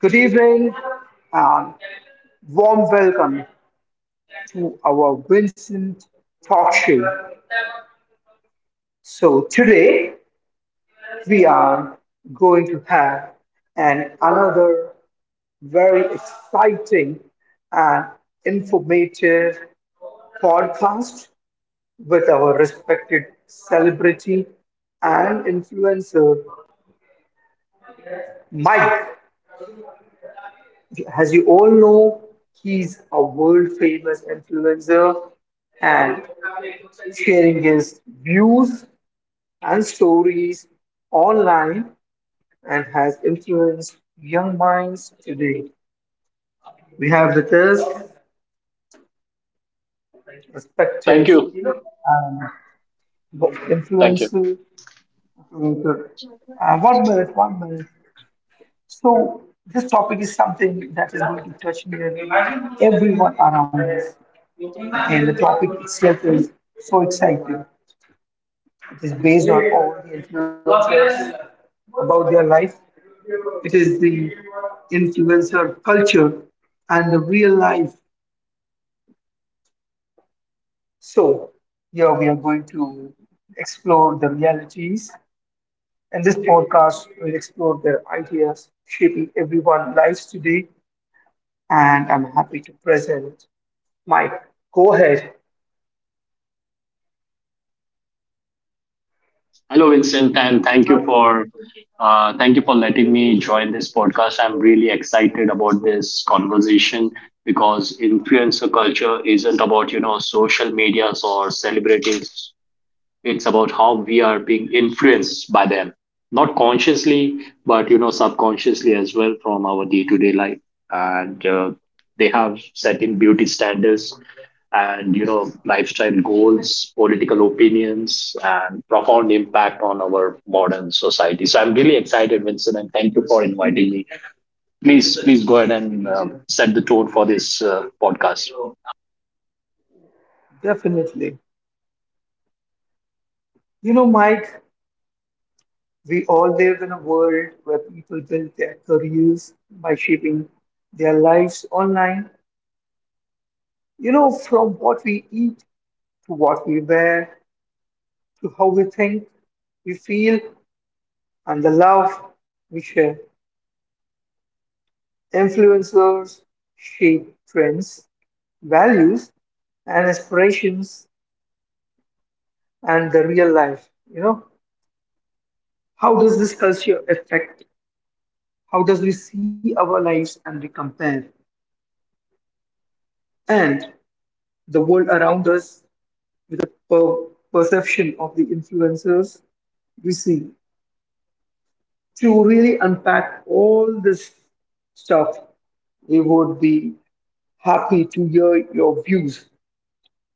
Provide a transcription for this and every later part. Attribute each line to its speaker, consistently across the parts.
Speaker 1: Good evening and warm welcome to our Vincent talk show. So, today we are going to have an another very exciting and informative podcast with our respected celebrity and influencer, Mike. As you all know, he's a world famous influencer and sharing his views and stories online and has influenced young minds today. We have with us
Speaker 2: Thank
Speaker 1: respected
Speaker 2: you.
Speaker 1: um,
Speaker 2: Thank you.
Speaker 1: influencer. 1 minute, 1 minute. So this topic is something that is going to touch near everyone around us. And the topic itself is so exciting. It is based on all the influencers about their life. It is the influencer culture and the real life. So here we are going to explore the realities. And this podcast will explore their ideas shaping everyone's lives today. And I'm happy to present Mike, go ahead.
Speaker 2: Hello, Vincent, and
Speaker 1: Uh,
Speaker 2: thank you for letting me join this podcast. I'm really excited about this conversation because influencer culture isn't about social medias or celebrities. It's about how we are being influenced by them, not consciously, but subconsciously as well from our day-to-day life. And they have certain beauty standards and lifestyle goals, political opinions, and profound impact on our modern society. So I'm really excited, Vincent, and thank you for inviting me. Please go ahead and set the tone for this podcast.
Speaker 1: Definitely. You know, Mike, we all live in a world where people build their careers by shaping their lives online. You know, from what we eat to what we wear to how we think, we feel, and the love we share. Influencers shape trends, values, and aspirations and the real life. You know, how does this culture affect? How does we see our lives and we compare and the world around us with a perception of the influencers we see? To really unpack all this stuff, we would be happy to hear your views.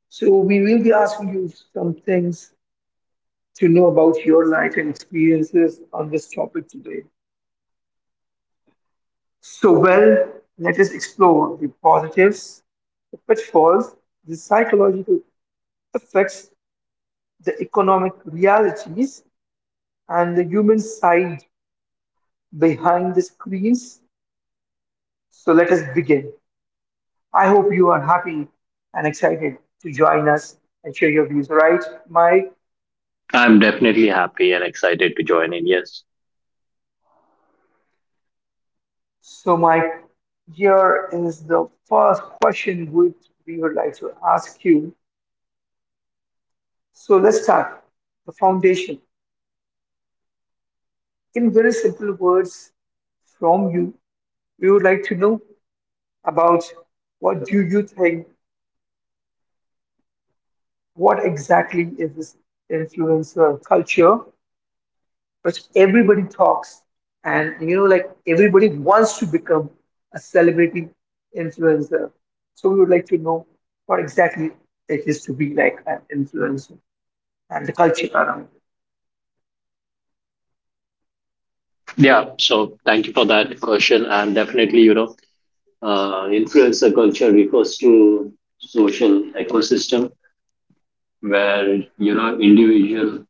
Speaker 1: So we will be asking you some things to know about your life and experiences on this topic today. So, well, let us explore the positives, the pitfalls, the psychological effects, the economic realities and the human side behind the screens. So let us begin. I hope you are happy and excited to join us and share your views, right, Mike?
Speaker 2: I'm definitely happy and excited to join in, yes.
Speaker 1: So, Mike, here is the first question would we would like to ask you. So let's start the foundation. In very simple words from you, we would like to know about what do you think what exactly is this influencer culture? Because everybody talks, and you know, like everybody wants to become a celebrity influencer. So we would like to know what exactly it is to be like an influencer and the culture around. It.
Speaker 2: Yeah, so thank you for that question. And definitely, influencer culture refers to social ecosystem where individual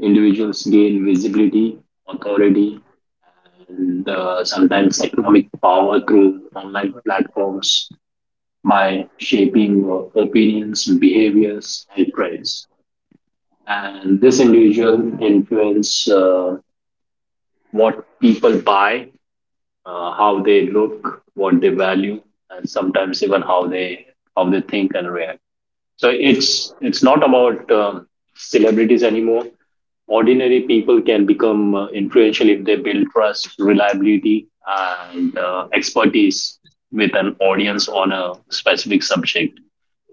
Speaker 2: individuals gain visibility, authority, and sometimes economic power through online platforms by shaping opinions, behaviors, and trends. And this individual influence, what people buy, how they look, what they value, and sometimes even how they think and react. So it's not about celebrities anymore. Ordinary people can become influential if they build trust, reliability, and expertise with an audience on a specific subject.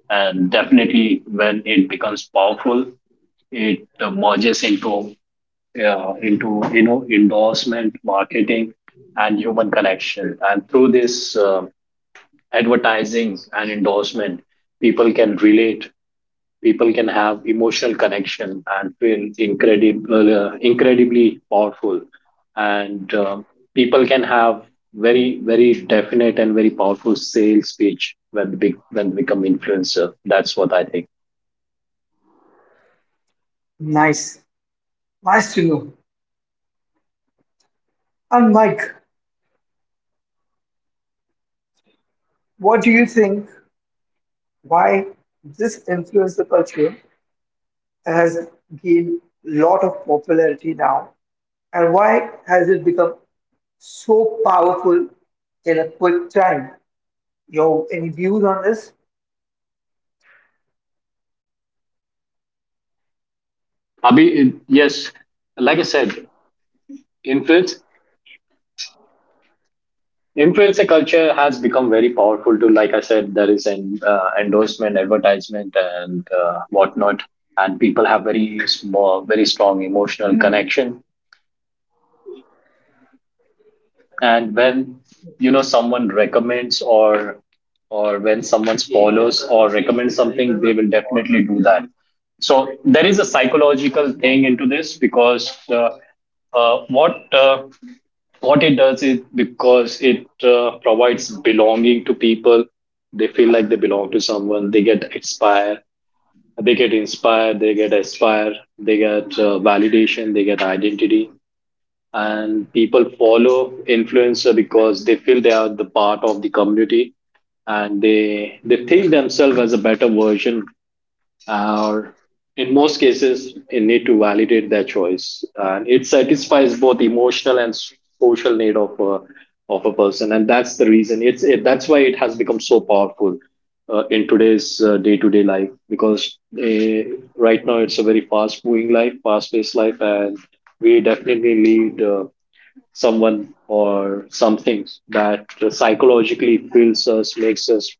Speaker 2: And definitely, when it becomes powerful, it merges into endorsement marketing and human connection. And through this advertising and endorsement, people can relate. People can have emotional connection and feel incredible incredibly powerful. And people can have very, very definite and very powerful sales pitch when they become influencer. That's what I think.
Speaker 1: Nice, nice to know. And Mike, what do you think? Why this influencer culture has gained a lot of popularity now, and why has it become so powerful in a quick time? Your any views on this?
Speaker 2: Abhi, yes, like I said, influence influencer culture has become very powerful too. Like I said, there is an endorsement advertisement and whatnot. And people have very small, very strong emotional connection. And when someone recommends or when someone follows or recommends something, they will definitely do that. So there is a psychological thing into this, because uh, what uh, what it does is, because it provides belonging to people. They feel like they belong to someone. They get inspired, they get aspire, they get validation, they get identity. And people follow influencer because they feel they are the part of the community. And they think themselves as a better version, or in most cases they need to validate their choice, and it satisfies both emotional and social need of a person. And that's the reason, that's why it has become so powerful in today's day-to-day life, because right now it's a very fast moving life, fast paced life. And we definitely need someone or something that psychologically fills us, makes us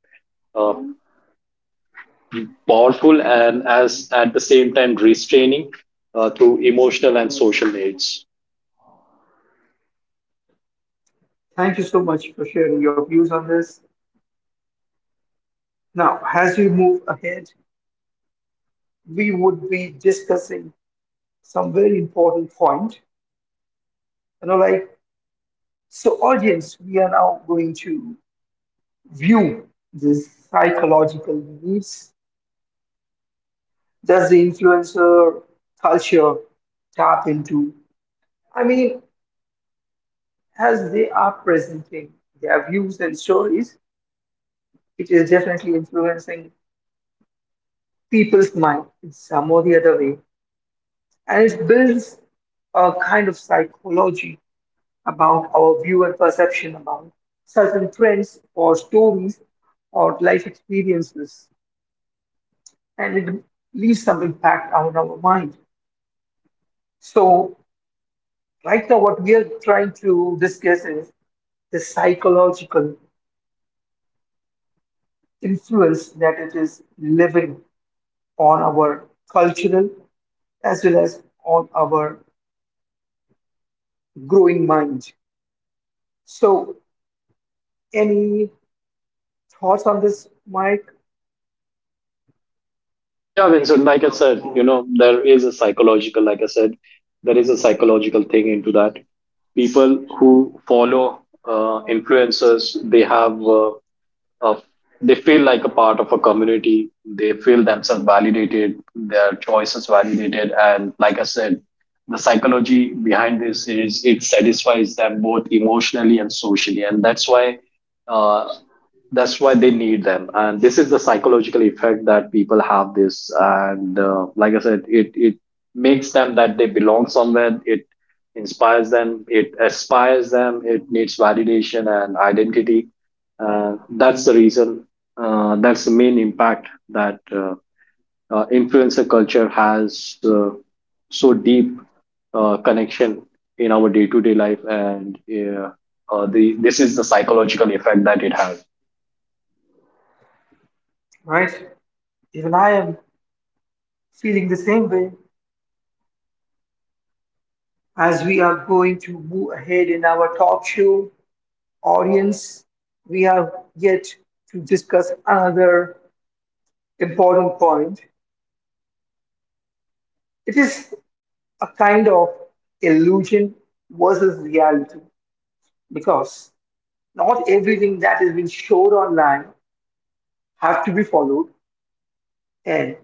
Speaker 2: uh, powerful, and as at the same time restraining through emotional and social needs.
Speaker 1: Thank you so much for sharing your views on this. Now, as we move ahead, we would be discussing some very important point. You know, like so, audience, we are now going to view the psychological needs. Does the influencer culture tap into? I mean, as they are presenting their views and stories, it is definitely influencing people's mind in some or the other way. And it builds a kind of psychology about our view and perception about certain trends or stories or life experiences. And it leaves some impact on our mind. So, right now, what we are trying to discuss is the psychological influence that it is living on our cultural as well as on our growing mind. So, any thoughts on this, Mike?
Speaker 2: Yeah, Vincent, like I said, there is a psychological, like I said, there is a psychological thing into that. People who follow influencers, they have, of they feel like a part of a community. They feel themselves validated, their choices validated. And like I said, the psychology behind this is it satisfies them both emotionally and socially. And uh, that's why they need them. And this is the psychological effect that people have this. And like I said, it makes them that they belong somewhere. It inspires them, it aspires them, it needs validation and identity. That's the reason. That's the main impact that influencer culture has so deep connection in our day-to-day life, and the this is the psychological effect that it has.
Speaker 1: Right? Even I am feeling the same way as we are going to move ahead in our talk show audience. We have yet to discuss another important point. It is a kind of illusion versus reality because not everything that has been showed online have to be followed and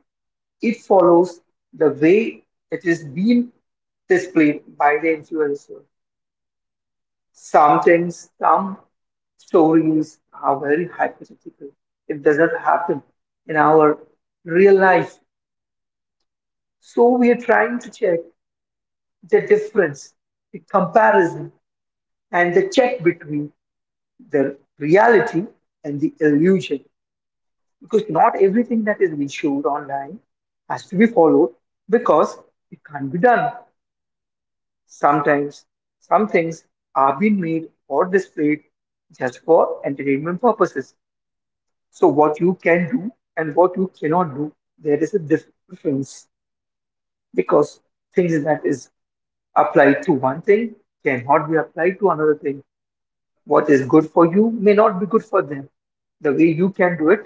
Speaker 1: it follows the way it is being displayed by the influencer. Some things, some stories are very hypothetical. It doesn't happen in our real life. So we are trying to check the difference, the comparison, and the check between the reality and the illusion. Because not everything that is being showed online has to be followed because it can't be done. Sometimes some things are being made or displayed just for entertainment purposes. So what you can do and what you cannot do, there is a difference because things that is applied to one thing cannot be applied to another thing. What is good for you may not be good for them. The way you can do it,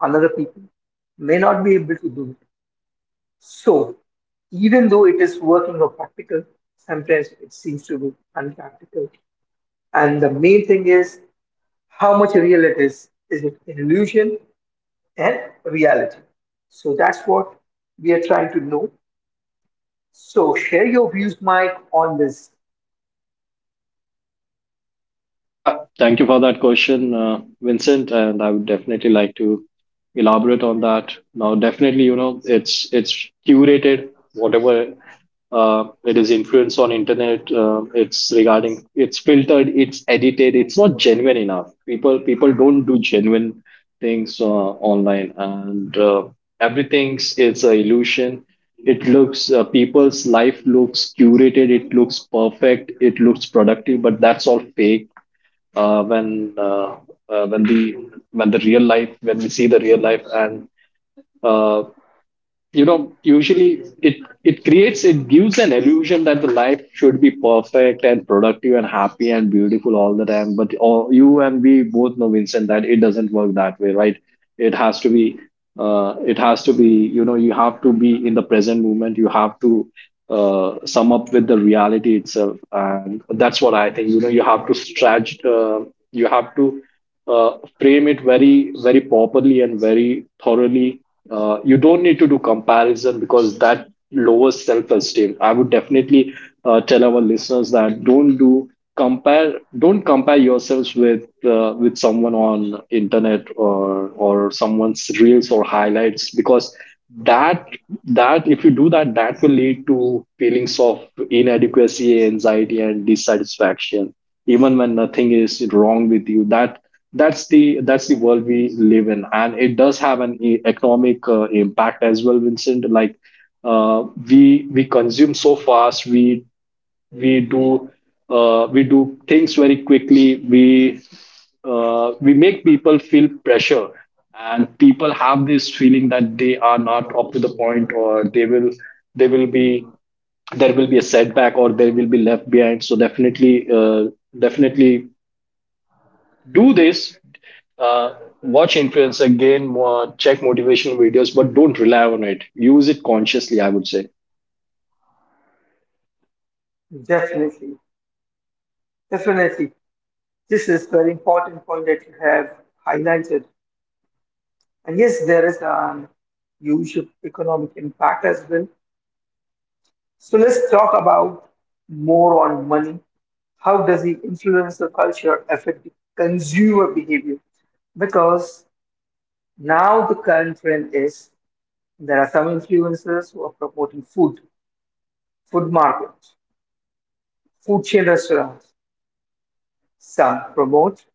Speaker 1: another people may not be able to do it. So even though it is working or practical, sometimes it seems to be unpractical. And the main thing is how much real it is. Is it an illusion and reality? So that's what we are trying to know. So share your views, Mike, on this.
Speaker 2: Yeah, thank you for that question, Vincent, and I would definitely like to elaborate on that. Now, definitely, you know, it's curated whatever it is influenced on internet. It's regarding, it's filtered, it's edited, it's not genuine enough. People don't do genuine things online, and everything's it's a illusion. It looks People's life looks curated. It looks perfect. It looks productive, but that's all fake uh, when uh, uh, when the when the real life when we see the real life. And uh, usually it gives an illusion that the life should be perfect and productive and happy and beautiful all the time. But you and we both know, Vincent, that it doesn't work that way, right? It has to be, you have to be in the present moment. You have to sum up with the reality itself. And that's what I think. You have to stretch, you have to frame it very, very properly and very thoroughly. You don't need to do comparison, because that lowers self-esteem. I would definitely tell our listeners that don't do compare don't compare yourselves with someone on internet or someone's reels or highlights. Because that that, if you do that, that will lead to feelings of inadequacy, anxiety, and dissatisfaction even when nothing is wrong with you. That's the world we live in. And it does have an economic impact as well, Vincent. Like uh, we consume so fast. We we do uh, we do things very quickly. We make people feel pressure, and people have this feeling that they are not up to the point, or they will be there will be a setback, or they will be left behind. So uh, definitely do this. uh, Watch influence again more, check motivational videos, but don't rely on it. Use it consciously, I would say.
Speaker 1: Definitely, definitely. This is very important point that you have highlighted. And yes, there is an huge economic impact as well. So let's talk about more on money. How does the influencer culture affect the consumer behavior? Because now the current trend is there are some influencers who are promoting food food markets, food chain restaurants. Some promote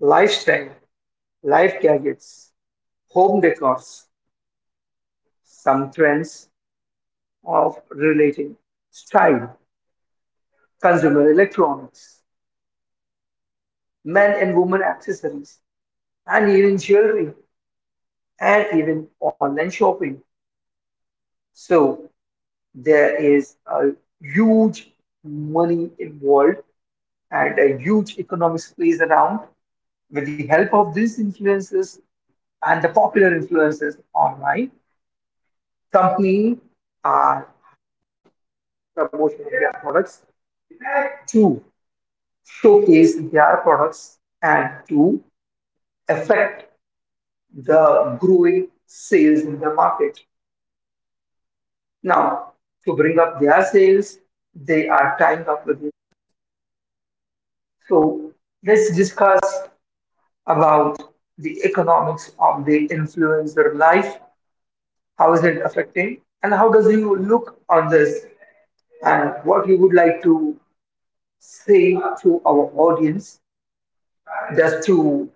Speaker 1: lifestyle, life gadgets, home decors, some trends of relating style, consumer electronics, men and women accessories, and even jewelry, and even online shopping. So there is a huge money involved and a huge economics plays around with the help of these influencers and the popular influencers online. Company are promoting their products to showcase their products and to affect the growing sales in the market. Now, to bring up their sales, they are tying up with it. So let's discuss about the economics of the influencer life. How is it affecting, and how does you look on this, and what you would like to say to our audience that to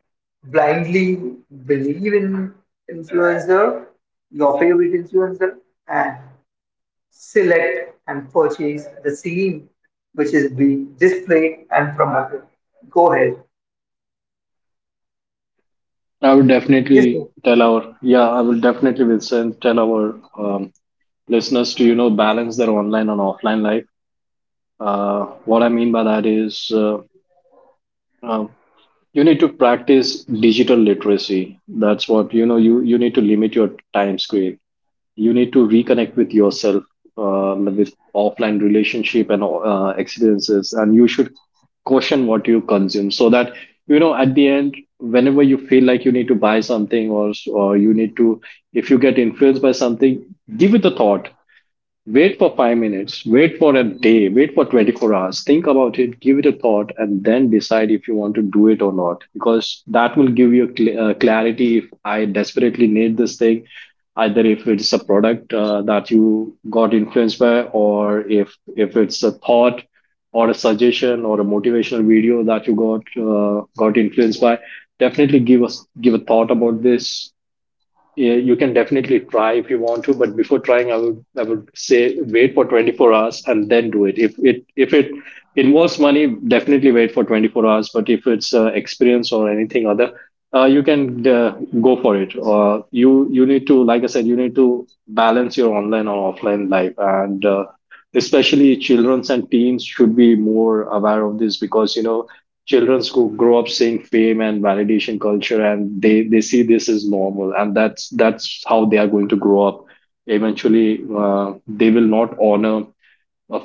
Speaker 1: blindly believe in influencer, your favorite influencer, and select and purchase the scene which is being displayed and promoted. Go ahead.
Speaker 2: I would definitely
Speaker 1: Yes, sir.
Speaker 2: tell our Yeah, I will definitely will send tell our um, listeners to balance their online and offline life. uh, what I mean by that is, um, you need to practice digital literacy. That's what, you need to limit your time screen. You need to reconnect with yourself, with offline relationship and experiences, and you should caution what you consume, so that at the end, whenever you feel like you need to buy something or you need to if you get influenced by something, give it a thought. Wait for 5 minutes, wait for a day, wait for 24 hours. Think about it, give it a thought, and then decide if you want to do it or not. Because that will give you a clarity if I desperately need this thing, either if it's a product that you got influenced by, or if it's a thought or a suggestion or a motivational video that you got influenced by. Definitely give a thought about this. Yeah, you can definitely try if you want to, but before trying, I would say wait for 24 hours and then do it. If it involves money, definitely wait for 24 hours. But if it's experience or anything other, you can go for it. You need to, like I said, you need to balance your online or offline life. And especially childrens and teens should be more aware of this, because children who grow up seeing fame and validation culture, and they see this as normal. And that's how they are going to grow up. Eventually, they will not honor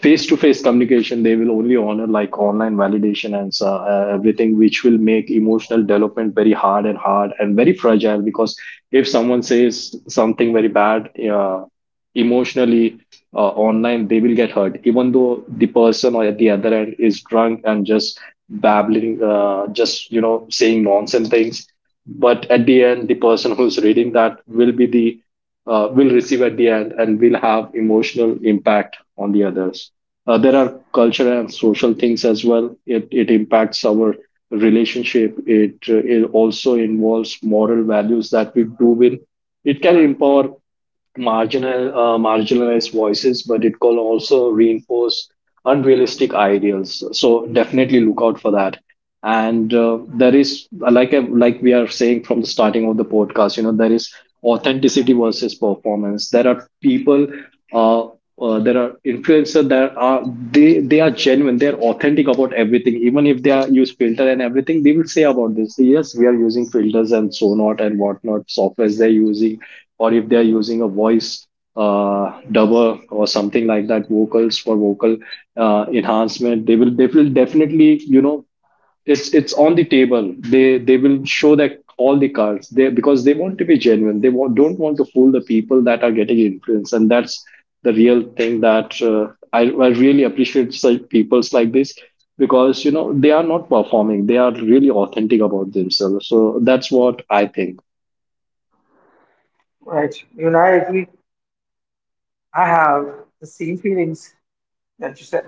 Speaker 2: face to face communication. They will only honor like online validation and everything, which will make emotional development very hard and very fragile. Because if someone says something very bad, emotionally, online, they will get hurt, even though the person or at the other end is drunk and just babbling, just saying nonsense things. But at the end, the person who's reading that will be the will receive at the end, and will have emotional impact on the others. There are cultural and social things as well. It impacts our relationship. It also involves moral values that we do in. It can empower marginalized voices, but it can also reinforce unrealistic ideals. So definitely look out for that. And there is, like we are saying from the starting of the podcast, there is authenticity versus performance. Uh, there are influencers that are genuine. They are authentic about everything, even if they are use filter and everything. They will say about this. So, yes, we are using filters and so not and whatnot softwares they're using, or if they're using a voice uh dubber or something like that, vocals for vocal enhancement. They will definitely, you know it's on the table. They will show that all the cards, they, because they want to be genuine, they don't want to fool the people that are getting influenced. And that's the real thing that I really appreciate such peoples like this, because they are not performing, they are really authentic about themselves. So that's what I think.
Speaker 1: Right. You and I agree. I have the same feelings that you said.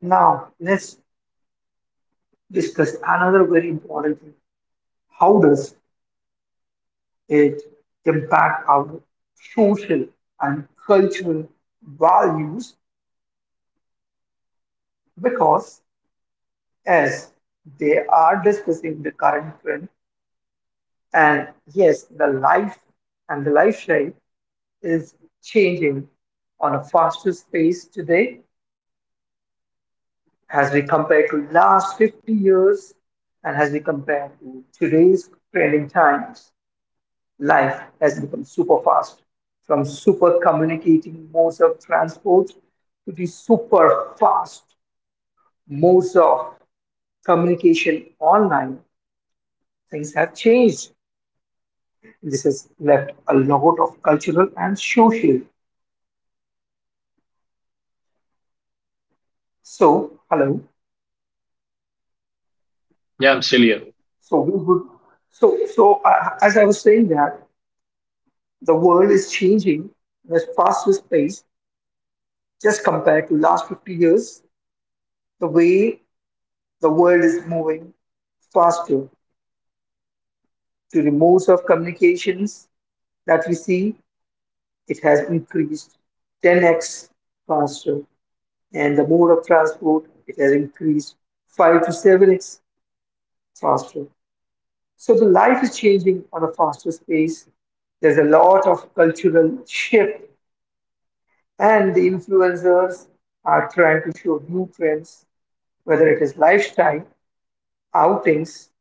Speaker 1: Now, let's discuss another very important thing. How does it impacts our social and cultural values because as they are discussing the current trend and yes the life and the lifestyle is changing on a faster pace today as we compare to last 50 years and as we compare to today's trending times. Life has become super fast, from super communicating modes of transport to the super fast modes of communication online. Things have changed. This has left a lot of cultural and social. So, hello.
Speaker 2: Yeah, I'm silly.
Speaker 1: So we would. So, as I was saying that the world is changing in a faster pace just compared to last 50 years. The way the world is moving faster to the modes of communications that we see, it has increased 10x faster, and the mode of transport it has increased 5 to 7x faster. So the life is changing on a faster pace. There's a lot of cultural shift, and the influencers are trying to show new trends, whether it is lifestyle, outings,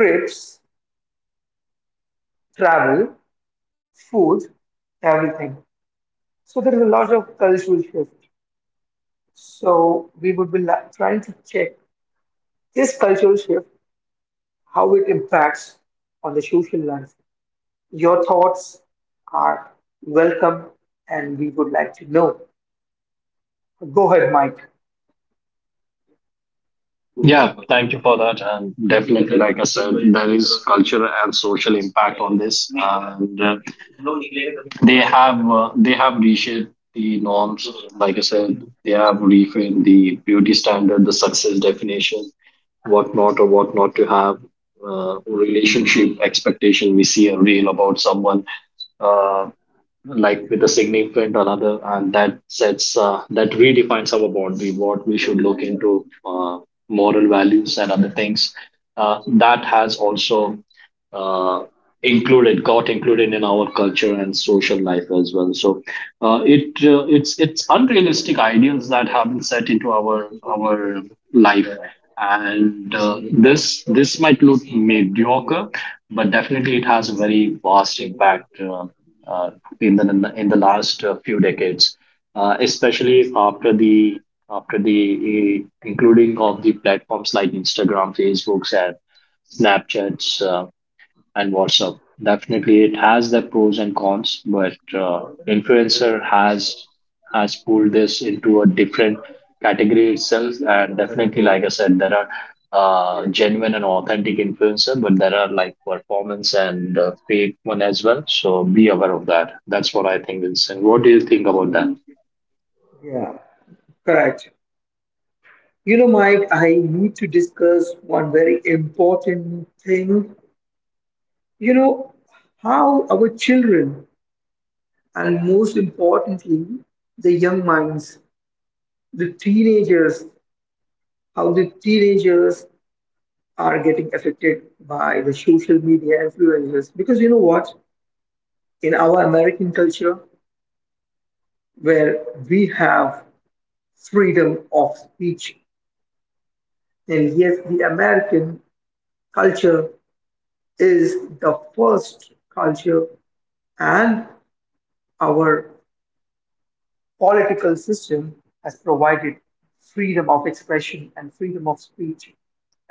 Speaker 1: trips, travel, food, everything. So there is a lot of cultural shift. So we would be trying to check this cultural shift, how it impacts on the social life. Your thoughts are welcome, and we would like to know. Go ahead, Mike.
Speaker 2: Yeah, thank you for that. And definitely, like I said, there is cultural and social impact on this, and they have reshaped the norms. Like I said, they have reframed the beauty standard, the success definition, what not or what not to have, relationship expectation. We see a reel about someone. Uh, like, with a significant another, and that redefines our boundary, what we should look into, moral values and other things. That has also uh, included got included in our culture and social life as well. So it's unrealistic ideals that have been set into our life, and this might look mediocre, but definitely it has a very vast impact uh, in the last few decades, especially after the including of the platforms like Instagram, Facebooks, and Snapchats. And WhatsApp. Definitely, it has the pros and cons, but influencer has pulled this into a different category itself. And definitely, like I said, there are genuine and authentic influencer, but there are like performance and fake one as well. So be aware of that. That's what I think, Vincent. What do you think about that?
Speaker 1: Yeah, correct. You know, Mike, I need to discuss one very important thing. You know, how our children, and most importantly, the young minds, the teenagers, how the teenagers are getting affected by the social media influences? Because you know what, in our American culture where we have freedom of speech, and yes, the American culture is the first culture, and our political system has provided freedom of expression and freedom of speech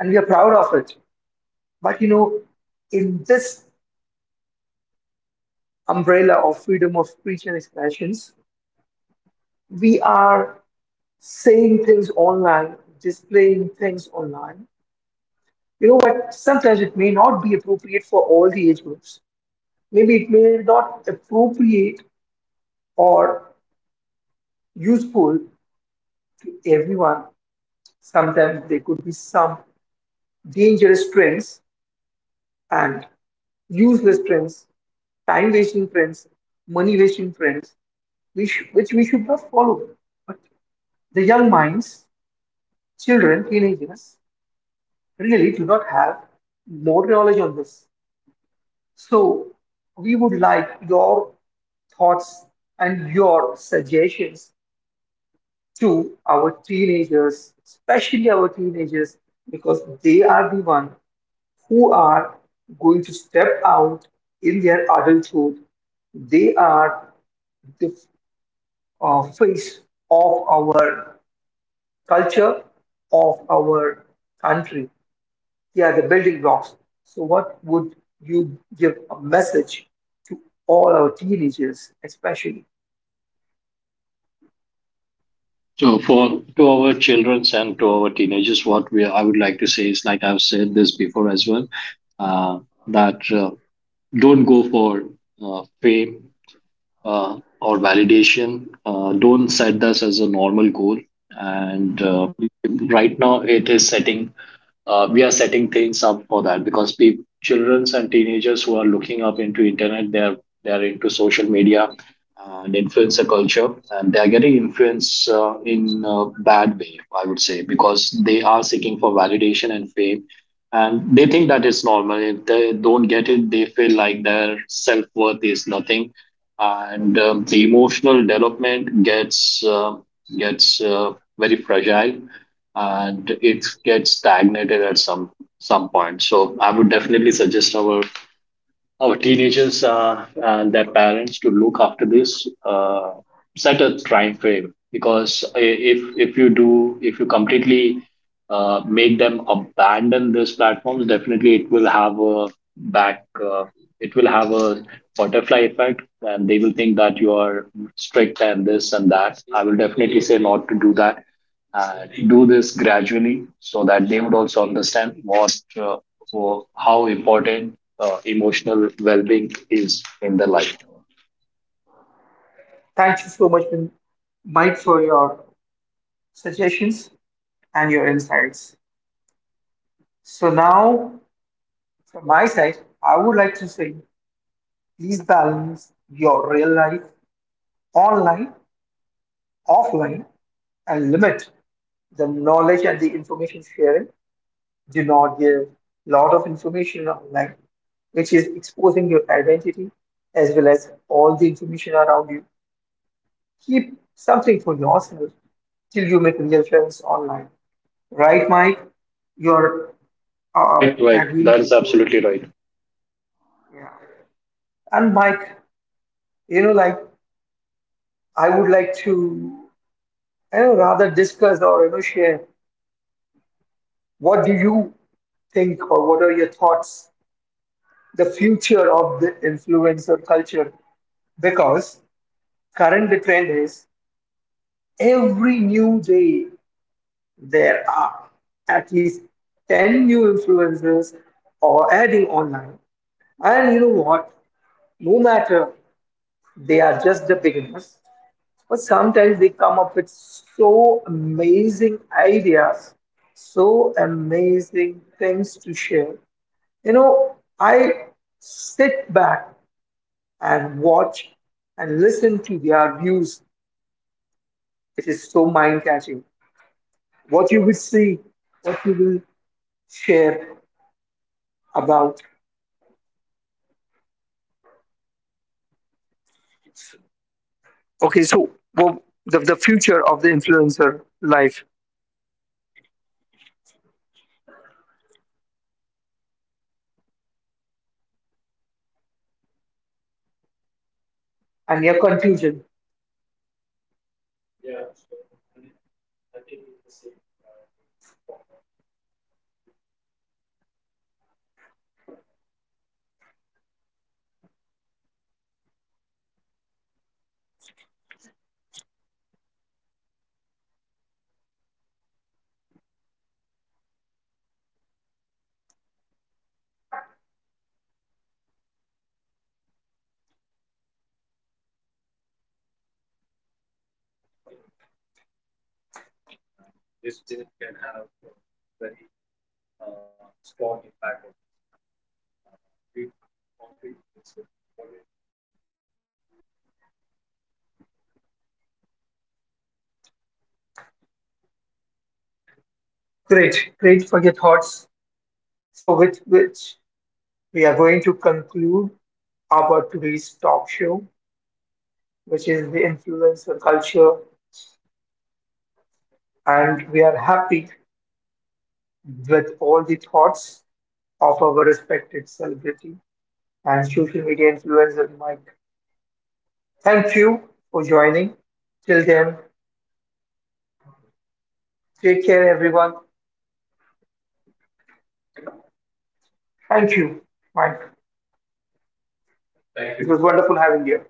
Speaker 1: and we are proud of it. But you know, in this umbrella of freedom of speech and expressions, we are saying things online, displaying things online. You know what? Sometimes it may not be appropriate for all the age groups. Maybe it may not appropriate or useful to everyone. Sometimes there could be some dangerous trends and useless trends, time wasting trends, money wasting trends, which we should not follow. But the young minds, children, teenagers, really do not have more knowledge on this. So we would like your thoughts and your suggestions to our teenagers, especially our teenagers, because they are the one who are going to step out in their adulthood. They are the face of our culture, of our country. Yeah, the building blocks. So, what would you give a message to all our teenagers, especially?
Speaker 2: So for, to our childrens and to our teenagers, what we I would like to say is, like I've said this before as well, uh, that. Don't go for fame or validation. Don't set this as a normal goal. And right now, it is setting we are setting things up for that, because people, children and teenagers who are looking up into internet, they are into social media and influencer culture, and they are getting influenced in a bad way, I would say, because they are seeking for validation and fame, and they think that it's normal. If they don't get it, they feel like their self worth is nothing, and the emotional development gets very fragile, and it gets stagnated at some point. So I would definitely suggest our teenagers and their parents to look after this. Set a time frame, because if you do, if you completely make them abandon these platforms, definitely it will back. Uh, have a butterfly effect, and they will think that you are strict and this and that. I will definitely say not to do that. Do this gradually, so that they would also understand how important emotional well-being is in their life.
Speaker 1: Thank you so much, Mike, for your suggestions and your insights. So, now from my side, I would like to say please balance your real life online, offline, and limit the knowledge and the information sharing. Do not give lot of information online, which is exposing your identity as well as all the information around you. Keep something for yourself till you make real friends online. Right, Mike? You're
Speaker 2: Right, right.
Speaker 1: agree.
Speaker 2: That is absolutely right.
Speaker 1: Yeah. And Mike, you know, like I would like to, I know, rather discuss or you know share. What do you think, or what are your thoughts? The future of the influencer culture, because current trend is every new day there are at least 10 new influencers or adding online. And you know what, no matter they are just the beginners, but sometimes they come up with so amazing ideas, so amazing things to share. You know, I sit back and watch and listen to their views. It is so mind catching what you will see, what you will share about. Okay, so well, the future of the influencer life and your conclusion. Great, great for your thoughts. So, with which we are going to conclude our today's talk show, which is the influencer culture. And we are happy with all the thoughts of our respected celebrity and social media influencer Mike. Thank you for joining. Till then, take care, everyone. Thank you, Mike. It was wonderful having you.